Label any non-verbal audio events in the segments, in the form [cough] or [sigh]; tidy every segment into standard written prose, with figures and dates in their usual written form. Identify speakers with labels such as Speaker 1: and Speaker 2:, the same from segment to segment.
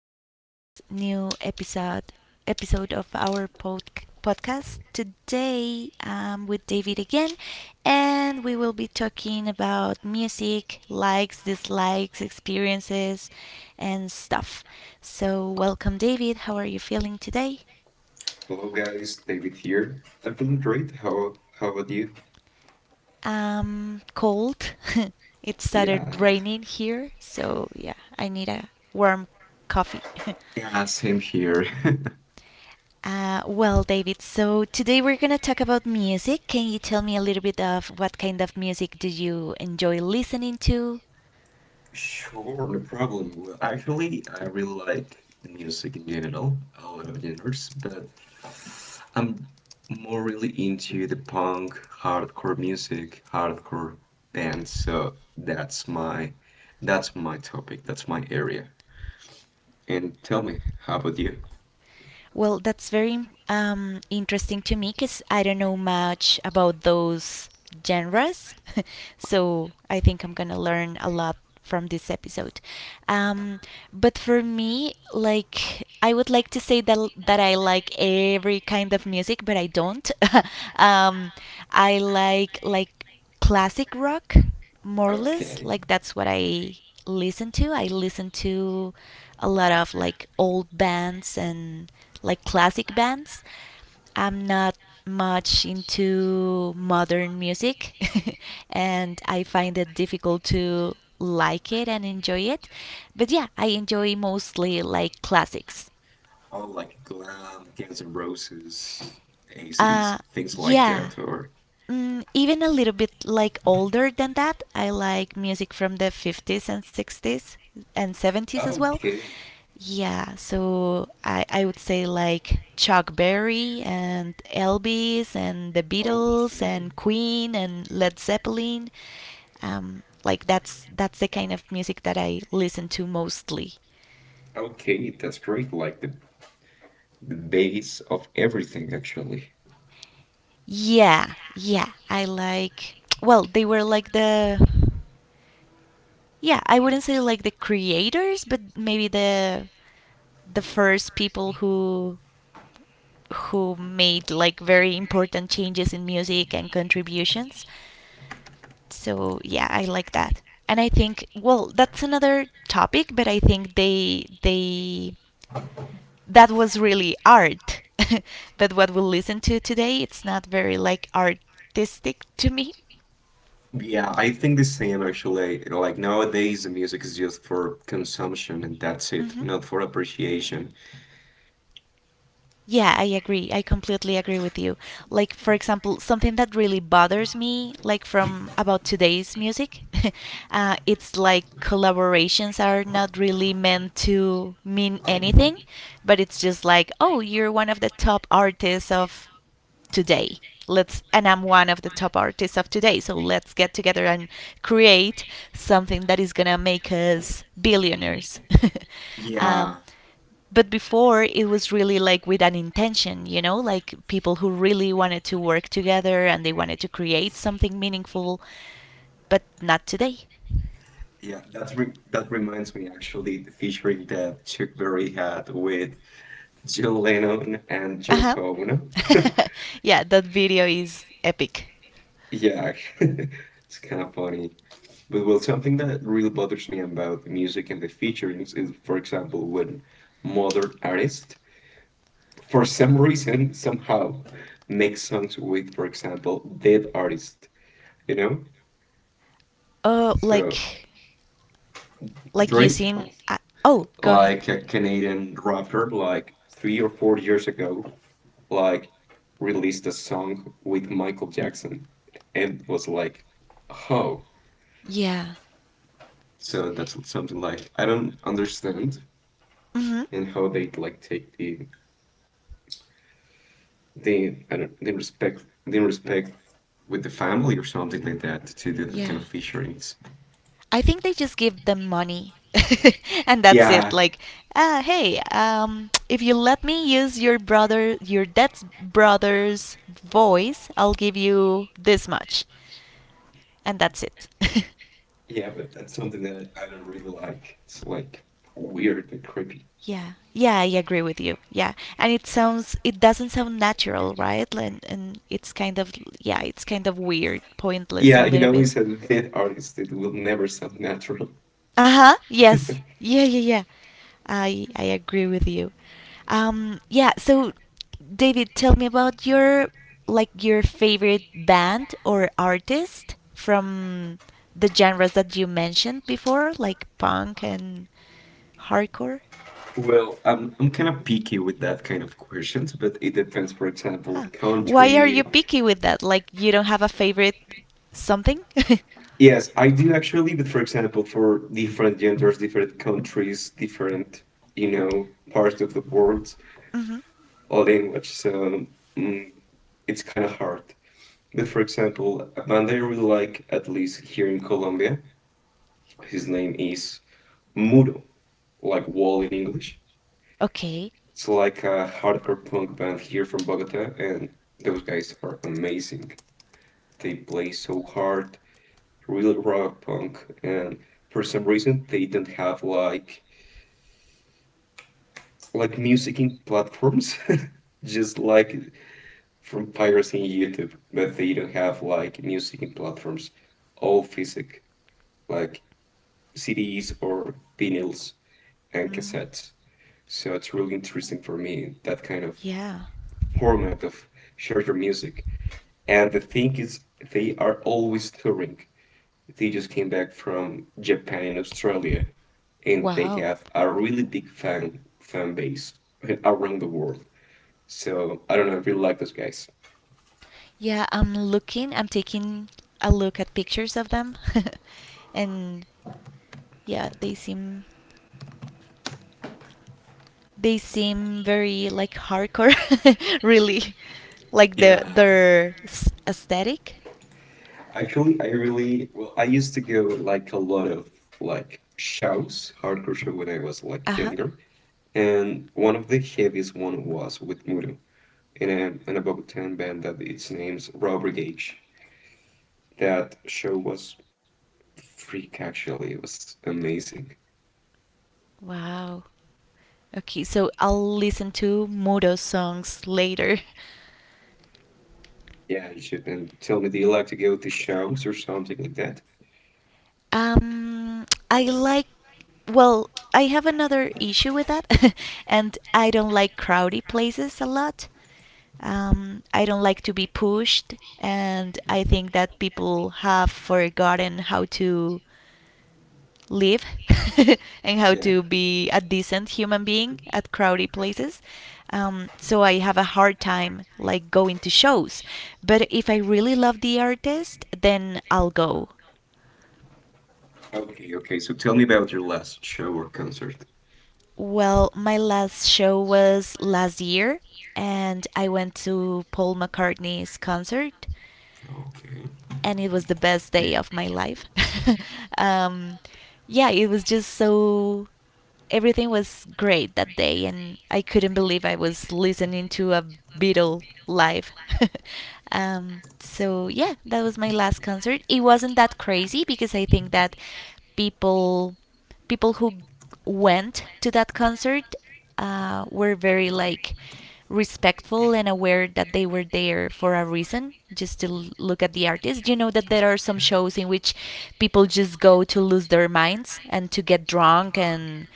Speaker 1: to this new episode of our podcast. Today, I'm with David again, and we will be talking about music, likes, dislikes, experiences, and stuff. So, welcome, David. How are you feeling today?
Speaker 2: Hello guys, David here. I've been great. How about you?
Speaker 1: Cold. [laughs] It started
Speaker 2: Yeah,
Speaker 1: raining here, so yeah, I need a warm coffee. [laughs]
Speaker 2: yeah, same here. [laughs]
Speaker 1: Well, David, so today we're going to talk about music. Can you tell me a little bit of what kind of music do you enjoy listening to?
Speaker 2: Sure, no problem. Well, actually, I really like the music in general, a lot of genres, but I'm more really into the punk, hardcore music, hardcore bands. So that's my topic. That's my area. And tell me, how about you?
Speaker 1: Well, that's very interesting to me because I don't know much about those genres. [laughs] So I think I'm going to learn a lot from this episode. Um, but for me, like, I would like to say that I like every kind of music, but I don't. [laughs] um, I like, classic rock, more or less.
Speaker 2: Okay.
Speaker 1: Like that's what I listen to. I listen to a lot of like old bands and like classic bands. I'm not much into modern music [laughs] and I find it difficult to like it and enjoy it. But yeah, I enjoy mostly like classics.
Speaker 2: Oh, like glam, Guns N' Roses,
Speaker 1: Uh
Speaker 2: ACDC, things like
Speaker 1: yeah,
Speaker 2: that, or
Speaker 1: even a little bit like older than that. I like music from the 50s and 60s and 70s as well.
Speaker 2: okay,
Speaker 1: Yeah, so I would say like Chuck Berry and Elvis and the Beatles
Speaker 2: okay,
Speaker 1: and Queen and Led Zeppelin. Like that's the kind of music that I listen to mostly.
Speaker 2: okay, that's great. Like the base of everything, actually.
Speaker 1: Yeah, yeah, I like. Well, they were like the yeah, I wouldn't say like the creators, but maybe the first people who made like very important changes in music and contributions. So yeah, I like that. And I think well, that's another topic, but I think they that was really art. [laughs] But what we'll listen to today, it's not very like artistic to me.
Speaker 2: Yeah, I think the same actually. Like nowadays, the music is just for consumption and that's it,
Speaker 1: Mm-hmm.
Speaker 2: not for appreciation.
Speaker 1: Yeah, I agree. I completely agree with you. Like, for example, something that really bothers me, like from about today's music, [laughs] it's like collaborations are not really meant to mean anything, but it's just like, oh, you're one of the top artists of today, let's, and I'm one of the top artists of today, so let's get together and create something that is gonna make us billionaires. [laughs] um,
Speaker 2: Yeah,
Speaker 1: but before it was really like with an intention, like people who really wanted to work together and they wanted to create something meaningful, but not today.
Speaker 2: yeah, that reminds me actually the featuring that Chuck Berry had with John Lennon and
Speaker 1: Uh-huh.
Speaker 2: Yoko Ono.
Speaker 1: [laughs]
Speaker 2: [laughs]
Speaker 1: Yeah, that video is epic.
Speaker 2: Yeah, [laughs] it's kind of funny. But well, something that really bothers me about the music and the featurings is, for example, when modern artists, for some reason, somehow make songs with, for example, dead artists, you know?
Speaker 1: Oh,
Speaker 2: So
Speaker 1: like
Speaker 2: Drake,
Speaker 1: using, seen. Oh, go ahead.
Speaker 2: like a Canadian rapper, like 3 or 4 years ago, like released a song with Michael Jackson and was like, oh.
Speaker 1: Yeah.
Speaker 2: So that's something like I don't understand
Speaker 1: Hmm.
Speaker 2: and how they like take the I don't the respect with the family or something like that to do that kind of
Speaker 1: Yeah.
Speaker 2: featurings.
Speaker 1: I think they just give them money. [laughs] And that's it.
Speaker 2: Yeah,
Speaker 1: Like, ah, hey, if you let me use your brother, your dead brother's voice, I'll give you this much. And that's it. [laughs]
Speaker 2: yeah, but that's something that I don't really like. It's like weird and creepy.
Speaker 1: Yeah, yeah, I agree with you. Yeah, and it sounds, it doesn't sound natural, right? And it's kind of, yeah, it's kind of weird, pointless
Speaker 2: Yeah,
Speaker 1: a
Speaker 2: you
Speaker 1: little
Speaker 2: know, he's
Speaker 1: bit.
Speaker 2: a dead artist. It will never sound natural.
Speaker 1: Uh huh. Yes.
Speaker 2: [laughs]
Speaker 1: Yeah, yeah, yeah. I agree with you. Yeah. So, David, tell me about your like your favorite band or artist from the genres that you mentioned before, like punk and hardcore?
Speaker 2: Well, I'm kind of picky with that kind of questions, but it depends. For example,
Speaker 1: Huh. Why are you
Speaker 2: country.
Speaker 1: picky with that? Like you don't have a favorite something? [laughs]
Speaker 2: Yes, I do actually, but for example, for different genders, different countries, different, you know, parts of the world
Speaker 1: Hmm.
Speaker 2: or language. So mm, it's kind of hard. But for example, a band I really like, at least here in Colombia, his name is Muro, like wall in English.
Speaker 1: Okay.
Speaker 2: It's like a hardcore punk band here from Bogota, and those guys are amazing. They play so hard, really rock punk, and for some reason they don't have like musicing platforms, [laughs] just like from pirating YouTube, but they don't have like musicing platforms, all physic, like CDs or vinyls and
Speaker 1: Mm,
Speaker 2: cassettes. So it's really interesting for me that kind of
Speaker 1: yeah.
Speaker 2: format of share your music. And the thing is, they are always touring. They just came back from Japan and Australia, and they
Speaker 1: Wow.
Speaker 2: have a really big fan base around the world. So I don't know, I really like those guys.
Speaker 1: Yeah, I'm looking, I'm taking a look at pictures of them. [laughs] And yeah, they seem very like hardcore [laughs] really like the
Speaker 2: Yeah.
Speaker 1: their aesthetic.
Speaker 2: Actually, I really well, I used to go like a lot of like shows, hardcore show when I was like
Speaker 1: Uh-huh.
Speaker 2: younger, and one of the heaviest one was with Muro in a Bogotan band that its name's Robber Gage. That show was freak actually, it was amazing.
Speaker 1: Wow. Okay, so I'll listen to mudo's songs later. [laughs]
Speaker 2: Yeah, you should. And tell me, do you like to go to shows or something like that?
Speaker 1: I like, well, I have another issue with that, [laughs] and I don't like crowded places a lot. I don't like to be pushed, and I think that people have forgotten how to live [laughs] and how
Speaker 2: Yeah.
Speaker 1: to be a decent human being at crowded places. So I have a hard time like going to shows. But if I really love the artist, then I'll go.
Speaker 2: Okay, okay. So tell me about your last show or concert.
Speaker 1: Well, my last show was last year, and I went to Paul McCartney's concert,
Speaker 2: Okay.
Speaker 1: and it was the best day of my life. [laughs] um, yeah, it was just so. Everything was great that day, and I couldn't believe I was listening to a Beatle live. [laughs] So, yeah, that was my last concert. It wasn't that crazy because I think that people people who went to that concert were very like respectful and aware that they were there for a reason, just to look at the artist. You know, that there are some shows in which people just go to lose their minds and to get drunk and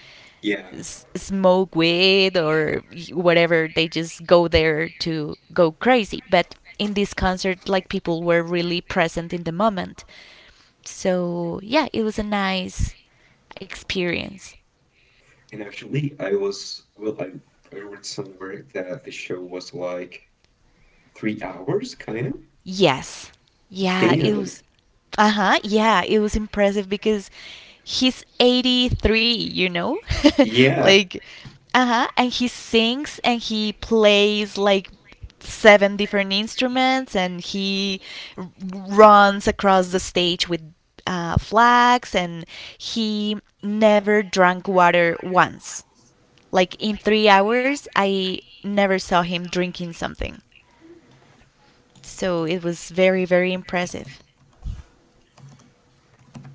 Speaker 2: Yeah,
Speaker 1: smoke weed or whatever. They just go there to go crazy, but in this concert, like, people were really present in the moment. So yeah, it was a nice experience.
Speaker 2: and actually, I was well, I read somewhere that the show was like 3 hours, kind of.
Speaker 1: Yes. Yeah, it
Speaker 2: Damn.
Speaker 1: was. Uh huh. Yeah, it was impressive because he's 83, you know? [laughs]
Speaker 2: Yeah.
Speaker 1: Like, uh huh. And he sings and he plays like seven different instruments and he runs across the stage with flags. And he never drank water once. Like, in 3 hours, I never saw him drinking something. So it was very, very impressive.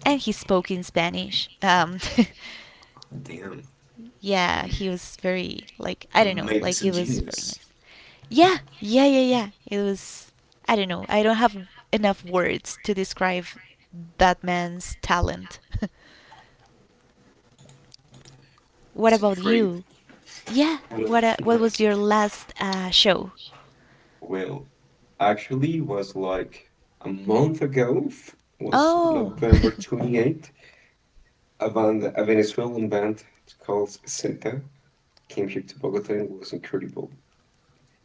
Speaker 1: And he spoke in Spanish.
Speaker 2: Damn.
Speaker 1: [laughs] Yeah,
Speaker 2: Mm.
Speaker 1: he was very like I don't know,
Speaker 2: Mate, it's
Speaker 1: like
Speaker 2: a
Speaker 1: it was very
Speaker 2: genius.
Speaker 1: nice. Yeah, yeah, yeah, yeah. It was I don't know. I don't have enough words to describe that man's talent. [laughs]
Speaker 2: It's
Speaker 1: What about
Speaker 2: great.
Speaker 1: you? Yeah,
Speaker 2: Well,
Speaker 1: what
Speaker 2: nice.
Speaker 1: was your last show?
Speaker 2: Well, actually, was like a month ago. Was
Speaker 1: Oh,
Speaker 2: November
Speaker 1: [laughs]
Speaker 2: 28th. A band, a Venezuelan band. It's called Zeta. Came here to Bogota and it was incredible.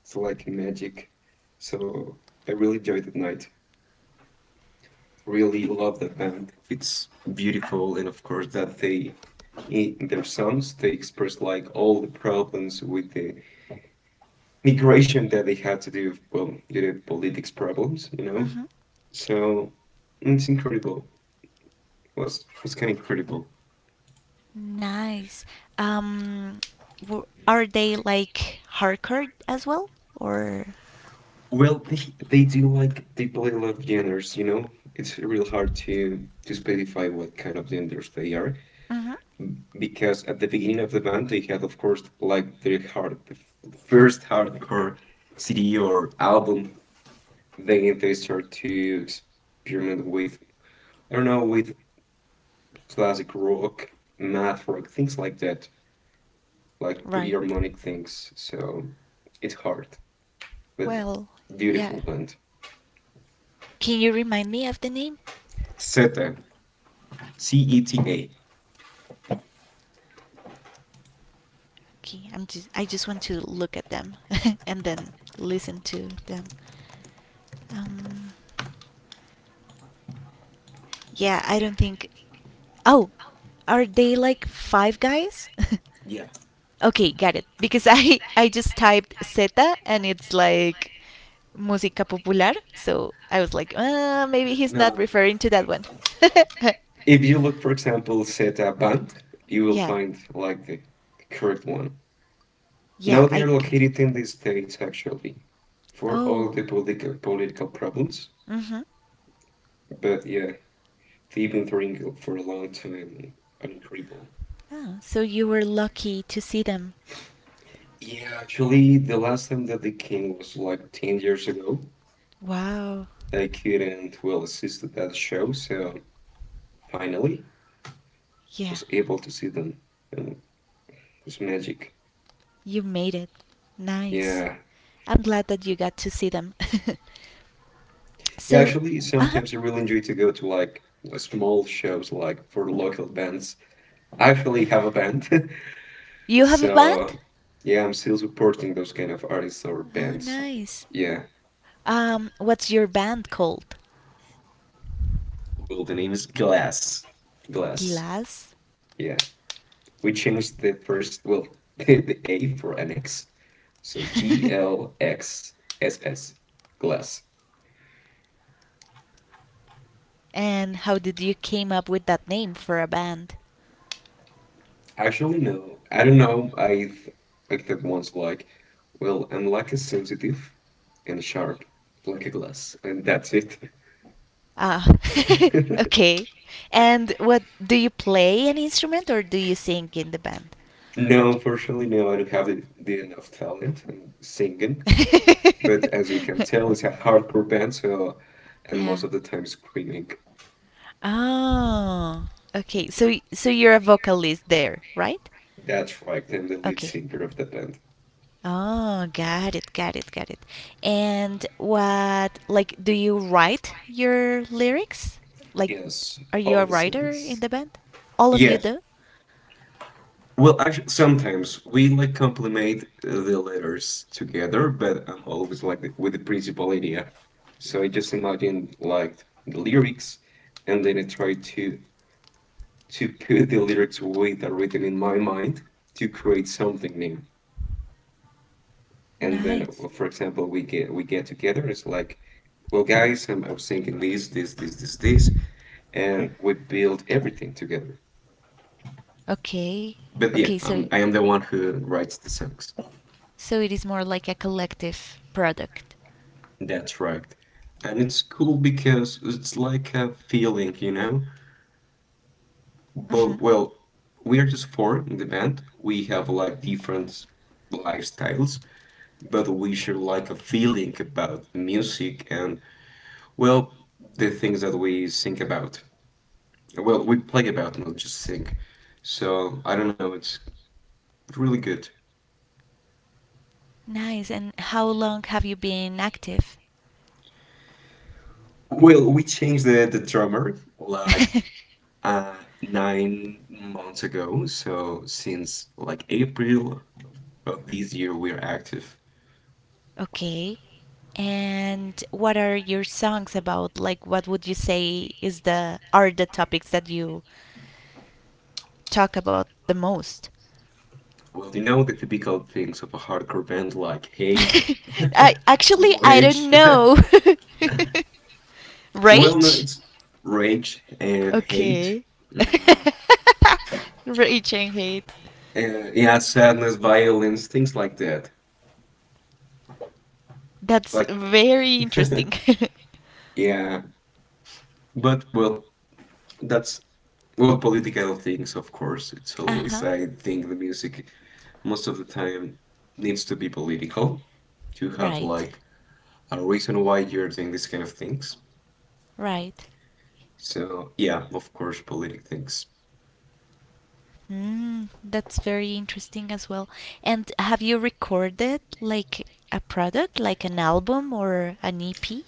Speaker 2: It's like magic. So I really enjoyed that night. Really love that band. It's beautiful, and of course that they in their songs they express like all the problems with the migration that they had to do. Well, due to politics problems, you know.
Speaker 1: hmm,
Speaker 2: So it's incredible. It was kind of incredible.
Speaker 1: nice. Um, are they like hardcore as well, or?
Speaker 2: Well, they do like they play a lot of genres, you know. It's real hard to specify what kind of genders they are.
Speaker 1: Hmm.
Speaker 2: Because at the beginning of the band they had of course like their hard the the first hardcore CD or album, then they start to experiment with, I don't know, with classic rock, math rock, things like that, like pretty
Speaker 1: Right.
Speaker 2: harmonic things. So it's hard but
Speaker 1: Well, yeah.
Speaker 2: beautiful band.
Speaker 1: Can you remind me of the name?
Speaker 2: Zeta, C E T A.
Speaker 1: Okay, I'm just I just want to look at them [laughs] and then listen to them. Um yeah, I don't think Oh, are they like five guys? [laughs]
Speaker 2: Yeah.
Speaker 1: Okay, got it. Because I [laughs] I just typed Zeta and it's like música popular, so I was like, maybe he's not
Speaker 2: No.
Speaker 1: referring to that one. [laughs]
Speaker 2: If you look, for example, Zeta Bank, you will
Speaker 1: Yeah,
Speaker 2: find like the correct one.
Speaker 1: yeah,
Speaker 2: Now they are
Speaker 1: I get it.
Speaker 2: located in the States actually for all
Speaker 1: Oh,
Speaker 2: the political problems.
Speaker 1: mm-hmm.
Speaker 2: But yeah, they've been doing for a long time on Cribble.
Speaker 1: Ah, so you were lucky to see them.
Speaker 2: Yeah, actually the last time that they came was like 10 years ago.
Speaker 1: Wow.
Speaker 2: I couldn't well assist to that show, so finally
Speaker 1: Yeah,
Speaker 2: was able to see them and it was magic.
Speaker 1: you made it. Nice.
Speaker 2: Yeah.
Speaker 1: I'm glad that you got to see them. [laughs]
Speaker 2: Yeah,
Speaker 1: So,
Speaker 2: actually,
Speaker 1: uh huh.
Speaker 2: sometimes I really enjoy to go to small shows like for local bands. I actually have a band, [laughs]
Speaker 1: You have a band?
Speaker 2: so yeah, I'm still supporting those kind of artists or
Speaker 1: Oh,
Speaker 2: bands.
Speaker 1: nice.
Speaker 2: Yeah.
Speaker 1: What's your band called?
Speaker 2: Well, the name is Glass. Glass.
Speaker 1: Glass?
Speaker 2: Yeah. We changed the first, well, [laughs] the A for an X. So G
Speaker 1: [laughs]
Speaker 2: L X S S, glass.
Speaker 1: And how did you came up with that name for a band?
Speaker 2: Actually, no. I don't know. I thought once like, well, I'm like a sensitive, and sharp, like a glass, and that's it.
Speaker 1: Ah, [laughs]
Speaker 2: [laughs]
Speaker 1: okay. And what do you play an instrument or do you sing in the band?
Speaker 2: No, unfortunately, no, I don't have the enough talent in singing, but as you can
Speaker 1: [laughs]
Speaker 2: tell, it's a hardcore band, so and
Speaker 1: Yeah.
Speaker 2: most of the time screaming.
Speaker 1: Oh, okay. So so you're a vocalist there, right?
Speaker 2: That's right, I'm the lead
Speaker 1: Okay.
Speaker 2: singer of the band.
Speaker 1: Oh, got it, got it, got it. And what, like, do you write your lyrics? Like,
Speaker 2: Yes,
Speaker 1: are you
Speaker 2: all
Speaker 1: a
Speaker 2: the
Speaker 1: writer in
Speaker 2: songs.
Speaker 1: the band? All of you
Speaker 2: Yeah.
Speaker 1: do?
Speaker 2: Well, actually, sometimes we like complement the letters together, but I'm always like with the principal idea. So I just imagine like the lyrics, and then I try to put the lyrics with are written in my mind to create something new. And then,
Speaker 1: Nice.
Speaker 2: for example, we get together. It's like, well, guys, I'm thinking this, this, this, this, this, and we build everything together.
Speaker 1: Okay.
Speaker 2: But
Speaker 1: Okay,
Speaker 2: yeah,
Speaker 1: so
Speaker 2: I am the one who writes the songs.
Speaker 1: So it is more like a collective product.
Speaker 2: That's right. And it's cool because it's like a feeling, you know?
Speaker 1: Hmm.
Speaker 2: But, well, we are just four in the band. We have like different lifestyles, but we share like a feeling about the music and well, the things that we think about. Well, we play about, not just think. So I don't know, it's really good.
Speaker 1: Nice. And how long have you been active? [laughs]
Speaker 2: Well, we changed the drummer like uh, 9 months ago. So since like April of this year, we're active.
Speaker 1: Okay. And what are your songs about? Like, what would you say is the are the topics that you talk about the most?
Speaker 2: Well, you know the typical things of a hardcore band like
Speaker 1: [laughs]
Speaker 2: hate,
Speaker 1: I
Speaker 2: [laughs]
Speaker 1: actually I
Speaker 2: rage.
Speaker 1: don't
Speaker 2: [laughs]
Speaker 1: know. [laughs]
Speaker 2: Well, no,
Speaker 1: Rage?
Speaker 2: it's rage and hate.
Speaker 1: Okay.
Speaker 2: Mm,
Speaker 1: [laughs] Rage and hate.
Speaker 2: yeah, sadness, violence, things like that.
Speaker 1: That's
Speaker 2: Like,
Speaker 1: very
Speaker 2: [laughs]
Speaker 1: interesting. [laughs]
Speaker 2: yeah. But well, that's well, political things, of course. It's
Speaker 1: Uh huh.
Speaker 2: always, I think, the music most of the time needs to be political to have
Speaker 1: Right.
Speaker 2: like a reason why you're doing these kind of things.
Speaker 1: Right.
Speaker 2: So yeah, of course, political things.
Speaker 1: Mm, that's very interesting as well. And have you recorded like a product, like an album or an EP?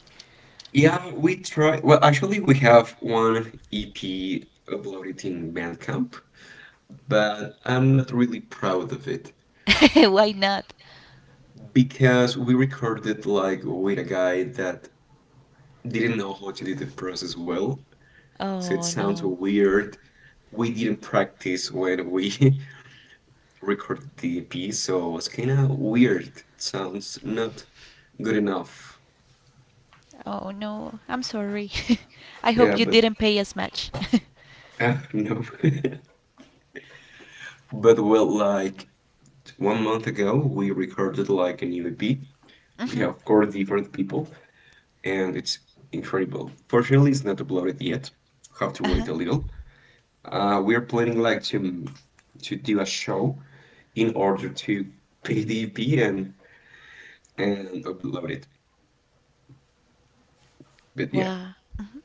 Speaker 2: Yeah, we try. Well, actually, we have one EP uploaded in Bandcamp, but I'm not really proud of it
Speaker 1: [laughs] Why not?
Speaker 2: because we recorded like with a guy that didn't know how to do the process well. So it
Speaker 1: Oh
Speaker 2: sounds
Speaker 1: no.
Speaker 2: weird. We didn't practice when we [laughs] recorded the EP, so it's kind of weird. It sounds not good enough.
Speaker 1: Oh no, I'm sorry. [laughs] I hope
Speaker 2: Yeah,
Speaker 1: you
Speaker 2: but
Speaker 1: didn't pay as much. [laughs]
Speaker 2: no. [laughs] But well, like one month ago, we recorded like a new EP. We
Speaker 1: Hmm.
Speaker 2: have four different people, and it's incredible. Fortunately, it's not uploaded yet. Have to
Speaker 1: Uh-huh.
Speaker 2: wait a little. We're planning like to do a show in order to pay the EP and upload it. But yeah,
Speaker 1: Wow. Hmm.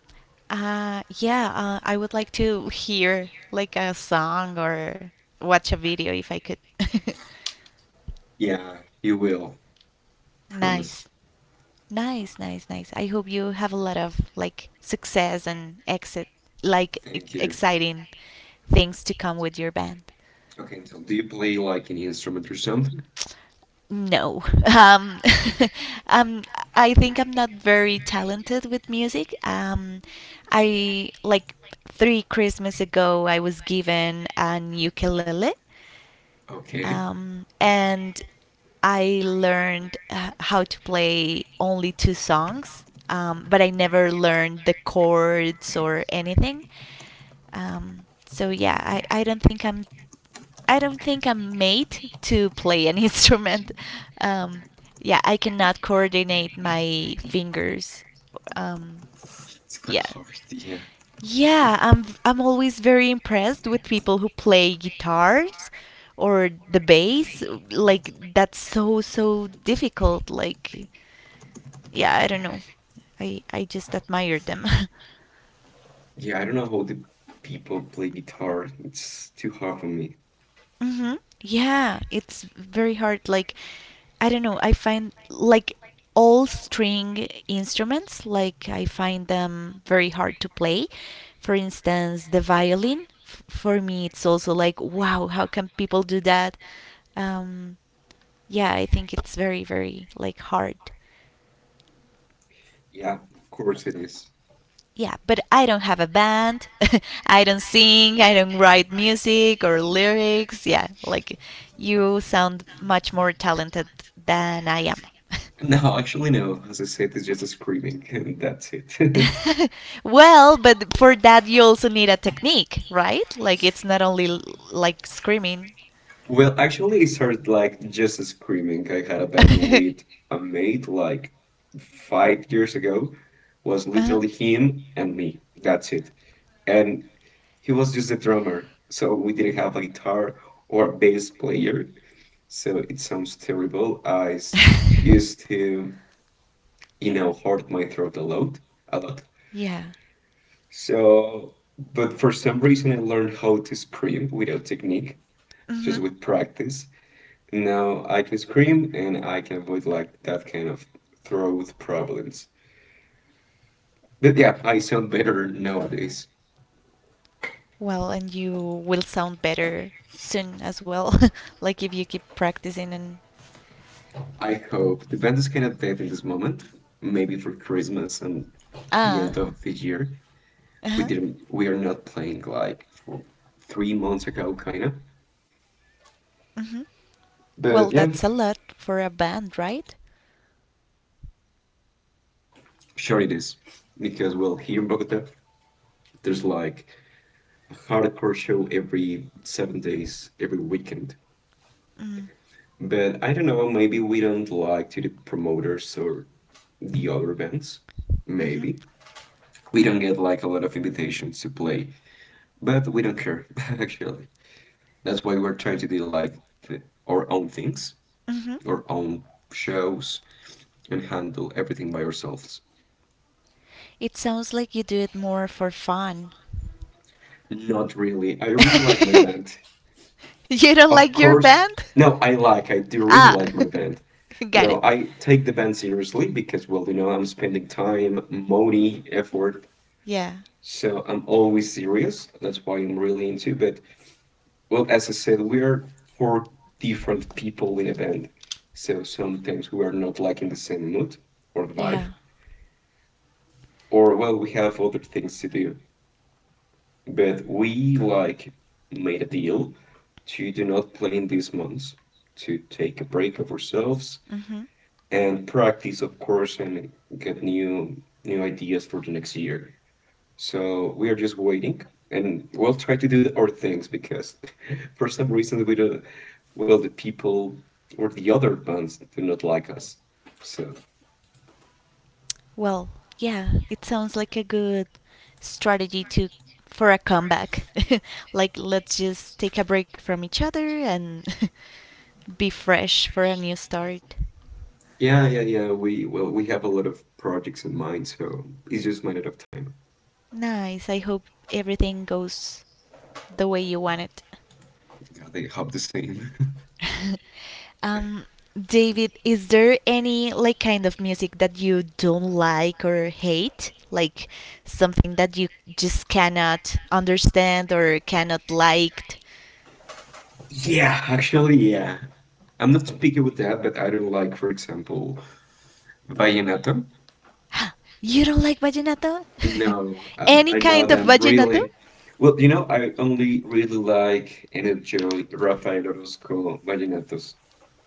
Speaker 1: Yeah, I would like to hear like a song or watch a video if I could. [laughs]
Speaker 2: yeah, you will.
Speaker 1: Nice.
Speaker 2: Promise.
Speaker 1: Nice, nice, nice. I hope you have a lot of like success and exit like
Speaker 2: Thank you.
Speaker 1: exciting things to come with your band.
Speaker 2: Okay, so do you play like any instrument or something?
Speaker 1: No. [laughs] Um, [laughs] um, I think I'm not very talented with music. I like three Christmas ago, I was given an ukulele,
Speaker 2: Okay,
Speaker 1: and I learned how to play only two songs, but I never learned the chords or anything. So yeah, I don't think I'm I don't think I'm made to play an [laughs] instrument. Um, yeah, I cannot coordinate my fingers. Um,
Speaker 2: it's kind of
Speaker 1: yeah.
Speaker 2: hard. Yeah,
Speaker 1: Yeah, I'm always very impressed with people who play guitars or the bass. Like that's so so difficult. Like yeah, I don't know. I just admire them. [laughs]
Speaker 2: yeah. I don't know how the people play guitar. It's too hard for me.
Speaker 1: Hmm. Yeah, it's very hard. Like, I don't know, I find like all string instruments, like, I find them very hard to play. For instance, the violin, for me, it's also like, wow, how can people do that? Um, yeah, I think it's very, very like hard.
Speaker 2: Yeah, of course it is.
Speaker 1: Yeah, but I don't have a band. [laughs] I don't sing. I don't write music or lyrics. Yeah, like you sound much more talented than I am.
Speaker 2: No, actually no. As I said, it's just a screaming, [laughs] and that's it. [laughs]
Speaker 1: [laughs] Well, but for that you also need a technique, right? Like it's not only like screaming.
Speaker 2: Well, actually, it started like just a screaming. I had a band
Speaker 1: [laughs]
Speaker 2: with a mate like 5 years ago. Was
Speaker 1: Uh-huh.
Speaker 2: literally him and me. That's it. And he was just a drummer, so we didn't have a guitar or a bass player. So it sounds terrible. Used
Speaker 1: [laughs]
Speaker 2: to, you know, hurt my throat a lot, a lot.
Speaker 1: Yeah.
Speaker 2: So, but for some reason, I learned how to scream without technique,
Speaker 1: Hmm.
Speaker 2: just with practice. Now I can scream and I can avoid like that kind of throat problems. But yeah, I sound better nowadays.
Speaker 1: Well, and you will sound better soon as well, [laughs] like if you keep practicing and
Speaker 2: I hope the band is kind of dead in this moment, maybe for Christmas and the end
Speaker 1: ah,
Speaker 2: of the year.
Speaker 1: uh-huh,
Speaker 2: We are not playing like for 3 months ago, kind of.
Speaker 1: hmm. Well,
Speaker 2: But yeah,
Speaker 1: that's a lot for a band, right?
Speaker 2: sure it is. Because, well, here in Bogota, there's like a hardcore show every 7 days, every weekend.
Speaker 1: Mm,
Speaker 2: But I don't know, maybe we don't like to the promoters or the other bands.
Speaker 1: mm-hmm,
Speaker 2: Maybe. We don't get like a lot of invitations to play, but we don't care, [laughs] actually. That's why we're trying to do like our own things,
Speaker 1: mm-hmm.
Speaker 2: our own shows, and handle everything by ourselves.
Speaker 1: It sounds like you do it more for fun.
Speaker 2: Not really. I really like my
Speaker 1: [laughs]
Speaker 2: band.
Speaker 1: You don't
Speaker 2: Of
Speaker 1: like your
Speaker 2: course.
Speaker 1: band? [laughs]
Speaker 2: No, I like. I do really
Speaker 1: Ah,
Speaker 2: like my band.
Speaker 1: [laughs] got
Speaker 2: No,
Speaker 1: it.
Speaker 2: I take the band seriously because, well, you know, I'm spending time, money, effort.
Speaker 1: Yeah,
Speaker 2: So I'm always serious. That's why I'm really into. But well, as I said, we are four different people in a band. So sometimes we are not like in the same mood or vibe,
Speaker 1: yeah.
Speaker 2: or well, we have other things to do. But we like made a deal to do not play in these months, to take a break of ourselves
Speaker 1: Mm-hmm.
Speaker 2: and practice, of course, and get new ideas for the next year. So we are just waiting, and we'll try to do our things because [laughs] for some reason we don't. Well, the people or the other bands do not like us. So
Speaker 1: Well, yeah. it sounds like a good strategy to for a comeback. [laughs] Like let's just take a break from each other and [laughs] be fresh for a new start.
Speaker 2: yeah, yeah, yeah. We well, we have a lot of projects in mind, so it's just a matter of time.
Speaker 1: Nice. I hope everything goes the way you want it.
Speaker 2: Are they half the same?
Speaker 1: [laughs] um David, is there any kind of music that you don't like or hate? Like something that you just cannot understand or cannot liked?
Speaker 2: [laughs] Yeah, actually, yeah. I'm not picky with that, but I do like, for example, Bayonetta.
Speaker 1: [gasps] You don't like vallenato? [laughs]
Speaker 2: No,
Speaker 1: Any
Speaker 2: I know
Speaker 1: kind of
Speaker 2: them
Speaker 1: vallenato?
Speaker 2: really. Well, I only really like and enjoy Rafael Orozco Vallenatos.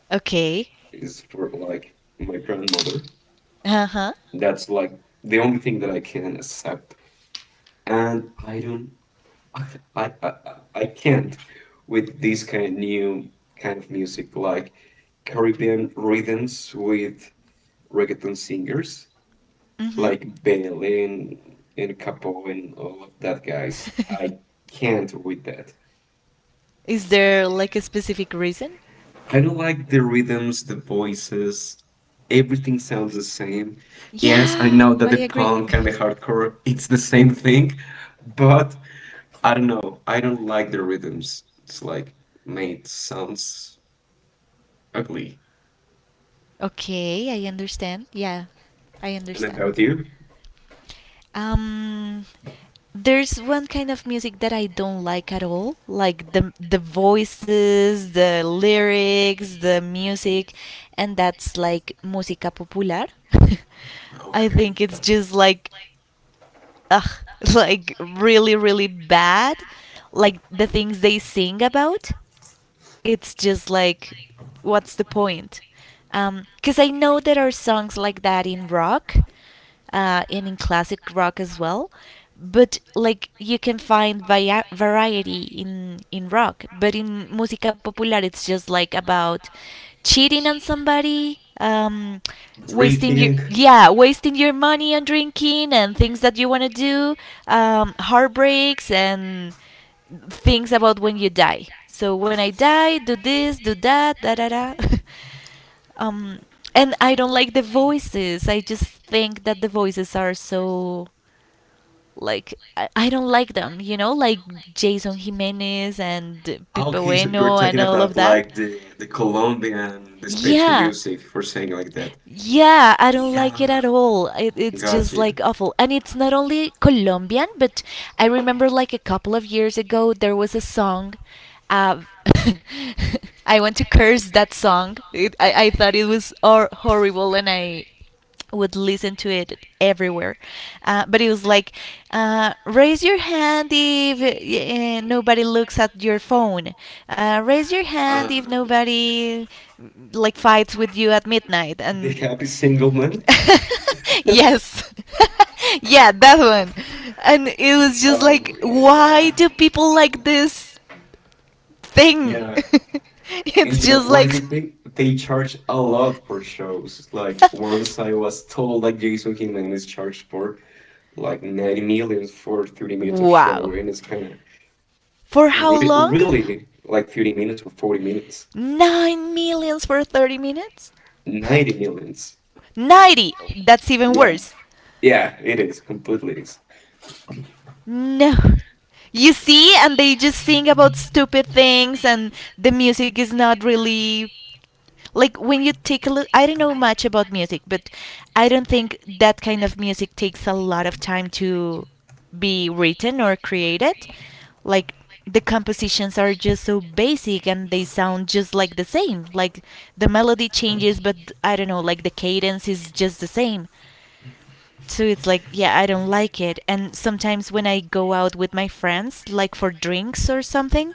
Speaker 1: Okay.
Speaker 2: Is for like my grandmother.
Speaker 1: Uh huh.
Speaker 2: That's like the only thing that I can accept, and I don't, I, I, I, I can't with this kind of new kind of music like Caribbean rhythms with reggaeton singers
Speaker 1: Mm-hmm.
Speaker 2: like Belen and Capo and all of that guys. I can't with that.
Speaker 1: [laughs] Is there like a specific reason?
Speaker 2: I don't like the rhythms, the voices. Everything sounds the same. Yes, I
Speaker 1: Yeah,
Speaker 2: know that
Speaker 1: I
Speaker 2: the
Speaker 1: agree.
Speaker 2: punk and the
Speaker 1: [laughs]
Speaker 2: hardcore, it's the same thing, but I don't know. I don't like the rhythms. It's like, mate, sounds ugly.
Speaker 1: Okay, I understand. Yeah, I
Speaker 2: And
Speaker 1: understand.
Speaker 2: about you?
Speaker 1: Um, there's one kind of music that I don't like at all, like the voices, the lyrics, the music, and that's like música popular. [laughs] I
Speaker 2: Okay.
Speaker 1: think it's just like ugh, [laughs] like really really bad, like the things they sing about, it's just like, what's the point? Because I know there are songs like that in rock and in classic rock as well. But like you can find variety in rock, but in música popular it's just like about cheating on somebody, wasting your
Speaker 2: Drinking.
Speaker 1: wasting your money on drinking and things that you want to do, heartbreaks and things about when you die. So when I die, do this, do that, da da da. [laughs] um, and I don't like the voices. I just think that the voices are so like I don't like them. You know, like Jason Jimenez and Pipe
Speaker 2: Okay, so you're
Speaker 1: Bueno and
Speaker 2: talking
Speaker 1: all of
Speaker 2: about
Speaker 1: that.
Speaker 2: like the Colombian despecho
Speaker 1: Yeah.
Speaker 2: music for saying like that.
Speaker 1: Yeah, I don't like it
Speaker 2: Yeah,
Speaker 1: at all. It's
Speaker 2: got
Speaker 1: just
Speaker 2: you.
Speaker 1: like awful. And it's not only Colombian, but I remember like a couple of years ago there was a song. Uh, [laughs] I want to curse that song. I thought it was horrible and I would listen to it everywhere. But it was like, raise your hand if nobody looks at your phone. Raise your hand
Speaker 2: Uh,
Speaker 1: if nobody like fights with you at midnight.
Speaker 2: the
Speaker 1: And
Speaker 2: happy single man.
Speaker 1: [laughs]
Speaker 2: [laughs]
Speaker 1: yes, [laughs] yeah, that one. And it was just
Speaker 2: Oh
Speaker 1: like, why
Speaker 2: yeah,
Speaker 1: do people like this thing? [laughs]
Speaker 2: yeah.
Speaker 1: It's
Speaker 2: And you know
Speaker 1: just
Speaker 2: what is
Speaker 1: like,
Speaker 2: the thing? They charge a lot for shows. It's like once I
Speaker 1: [laughs]
Speaker 2: was told like Jason Jimenez charged for like 90 million for 30 minutes of
Speaker 1: wow.
Speaker 2: show, and it's kind of.
Speaker 1: For how
Speaker 2: Re-
Speaker 1: long?
Speaker 2: really, like 30 minutes or 40 minutes.
Speaker 1: 9 millions for 30 minutes?
Speaker 2: 90 millions.
Speaker 1: 90! That's even
Speaker 2: Yeah.
Speaker 1: worse.
Speaker 2: Yeah, it is. Completely is.
Speaker 1: No. You see, and they just sing about stupid things, and the music is not really like when you take a look, I don't know much about music, but I don't think that kind of music takes a lot of time to be written or created. Like the compositions are just so basic and they sound just like the same. Like the melody changes, but I don't know, like the cadence is just the same. So it's like, yeah, I don't like it. And sometimes when I go out with my friends like for drinks or something,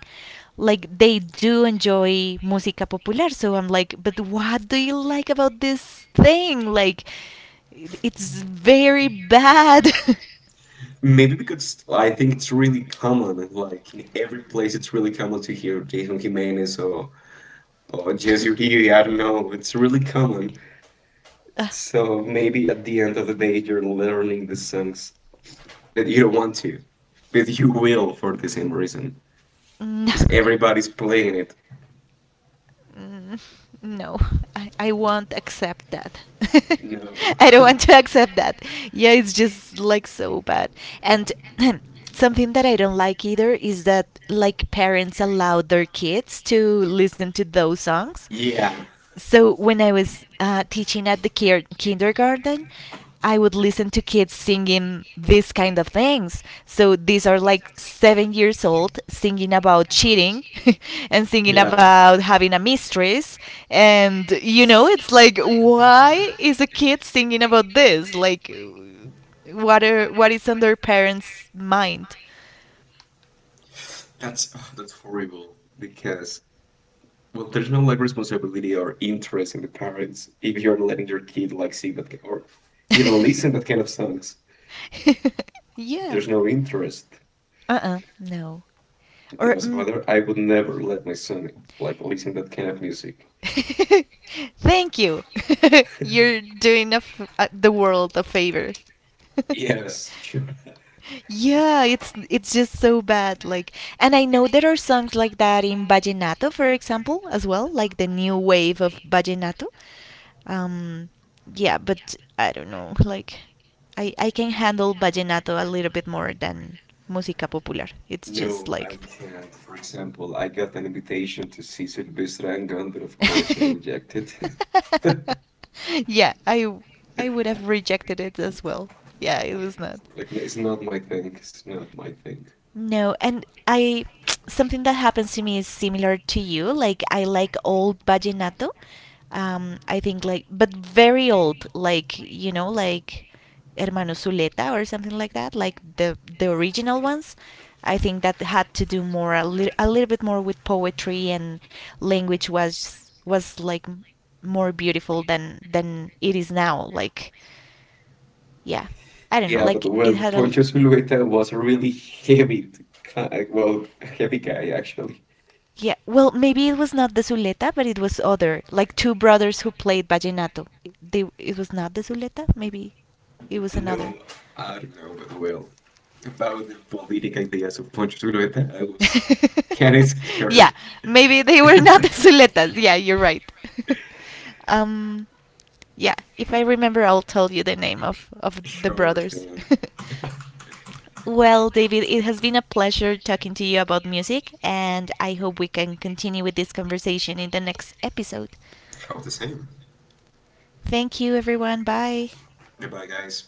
Speaker 1: like they do enjoy música popular, so I'm like, but what do you like about this thing? Like it's very bad. [laughs]
Speaker 2: Maybe because I think it's really common. Like, in every place, it's really common to hear Jason Jimenez or Jesse Uribe. I don't know. It's really common. So maybe at the end of the day, you're learning the songs. But you don't want to. But you will for the same reason.
Speaker 1: No.
Speaker 2: Because everybody's playing it.
Speaker 1: Mm, no, I won't accept that.
Speaker 2: No.
Speaker 1: [laughs] I don't want
Speaker 2: [laughs]
Speaker 1: to accept that. Yeah, it's just like so bad. And [clears throat] something that I don't like either is that like parents allow their kids to listen to those songs.
Speaker 2: Yeah.
Speaker 1: So when I was teaching at the kindergarten, I would listen to kids singing these kind of things. So these are like 7 years old singing about cheating [laughs] and singing
Speaker 2: Yeah,
Speaker 1: about having a mistress. And you know, it's like, why is a kid singing about this? Like, what is on their parents' mind?
Speaker 2: that's oh, that's horrible because well, there's no like responsibility or interest in the parents if you're letting your kid like see that ki- or even listen that kind of songs.
Speaker 1: [laughs] Yeah.
Speaker 2: There's no interest.
Speaker 1: No.
Speaker 2: You
Speaker 1: Or
Speaker 2: know, as a
Speaker 1: mm,
Speaker 2: father, I would never let my son like listen that kind of music. [laughs]
Speaker 1: [laughs] thank you. [laughs] You're doing a the world a favor. [laughs]
Speaker 2: Yes, sure.
Speaker 1: Yeah, it's just so bad. Like, and I know there are songs like that in vallenato, for example, as well, like the new wave of vallenato. Um, yeah, but I don't know. Like, I can handle vallenato a little bit more than música popular. It's just
Speaker 2: No, I
Speaker 1: like
Speaker 2: can't. For example, I got an invitation to see Sylvester and Gun, but of course I rejected. [laughs]
Speaker 1: [laughs] yeah, I would have rejected it as well. Yeah, it was not.
Speaker 2: Like, it's not my thing. It's not my thing.
Speaker 1: No, and I Something that happens to me is similar to you. Like I like old vallenato. I think like but very old, like you know, like Hermano Zuleta or something like that, like the original ones. I think that had to do more a, a little bit more with poetry, and language was like more beautiful than it is now. Like yeah, I don't know.
Speaker 2: Yeah, but
Speaker 1: Like
Speaker 2: well,
Speaker 1: it had a l-
Speaker 2: Poncho Zulueta was a really heavy, t- guy- well, heavy guy actually.
Speaker 1: Yeah, well, maybe it was not the Zuleta, but it was other, like two brothers who played vallenato. It was not the Zuleta, maybe it was
Speaker 2: No,
Speaker 1: another.
Speaker 2: I don't know, but well, about the political ideas of Poncho Zulueta, I was
Speaker 1: [laughs]
Speaker 2: kind of
Speaker 1: Yeah,
Speaker 2: scared.
Speaker 1: maybe they were not the
Speaker 2: [laughs]
Speaker 1: Zuletas. Yeah, you're right. [laughs] um, yeah, if I remember, I'll tell you the name of the
Speaker 2: Sure
Speaker 1: brothers.
Speaker 2: thing.
Speaker 1: [laughs] Well, David, it has been a pleasure talking to you about music, and I hope we can continue with this conversation in the next episode.
Speaker 2: How the same.
Speaker 1: Thank you, everyone. Bye.
Speaker 2: Bye, guys.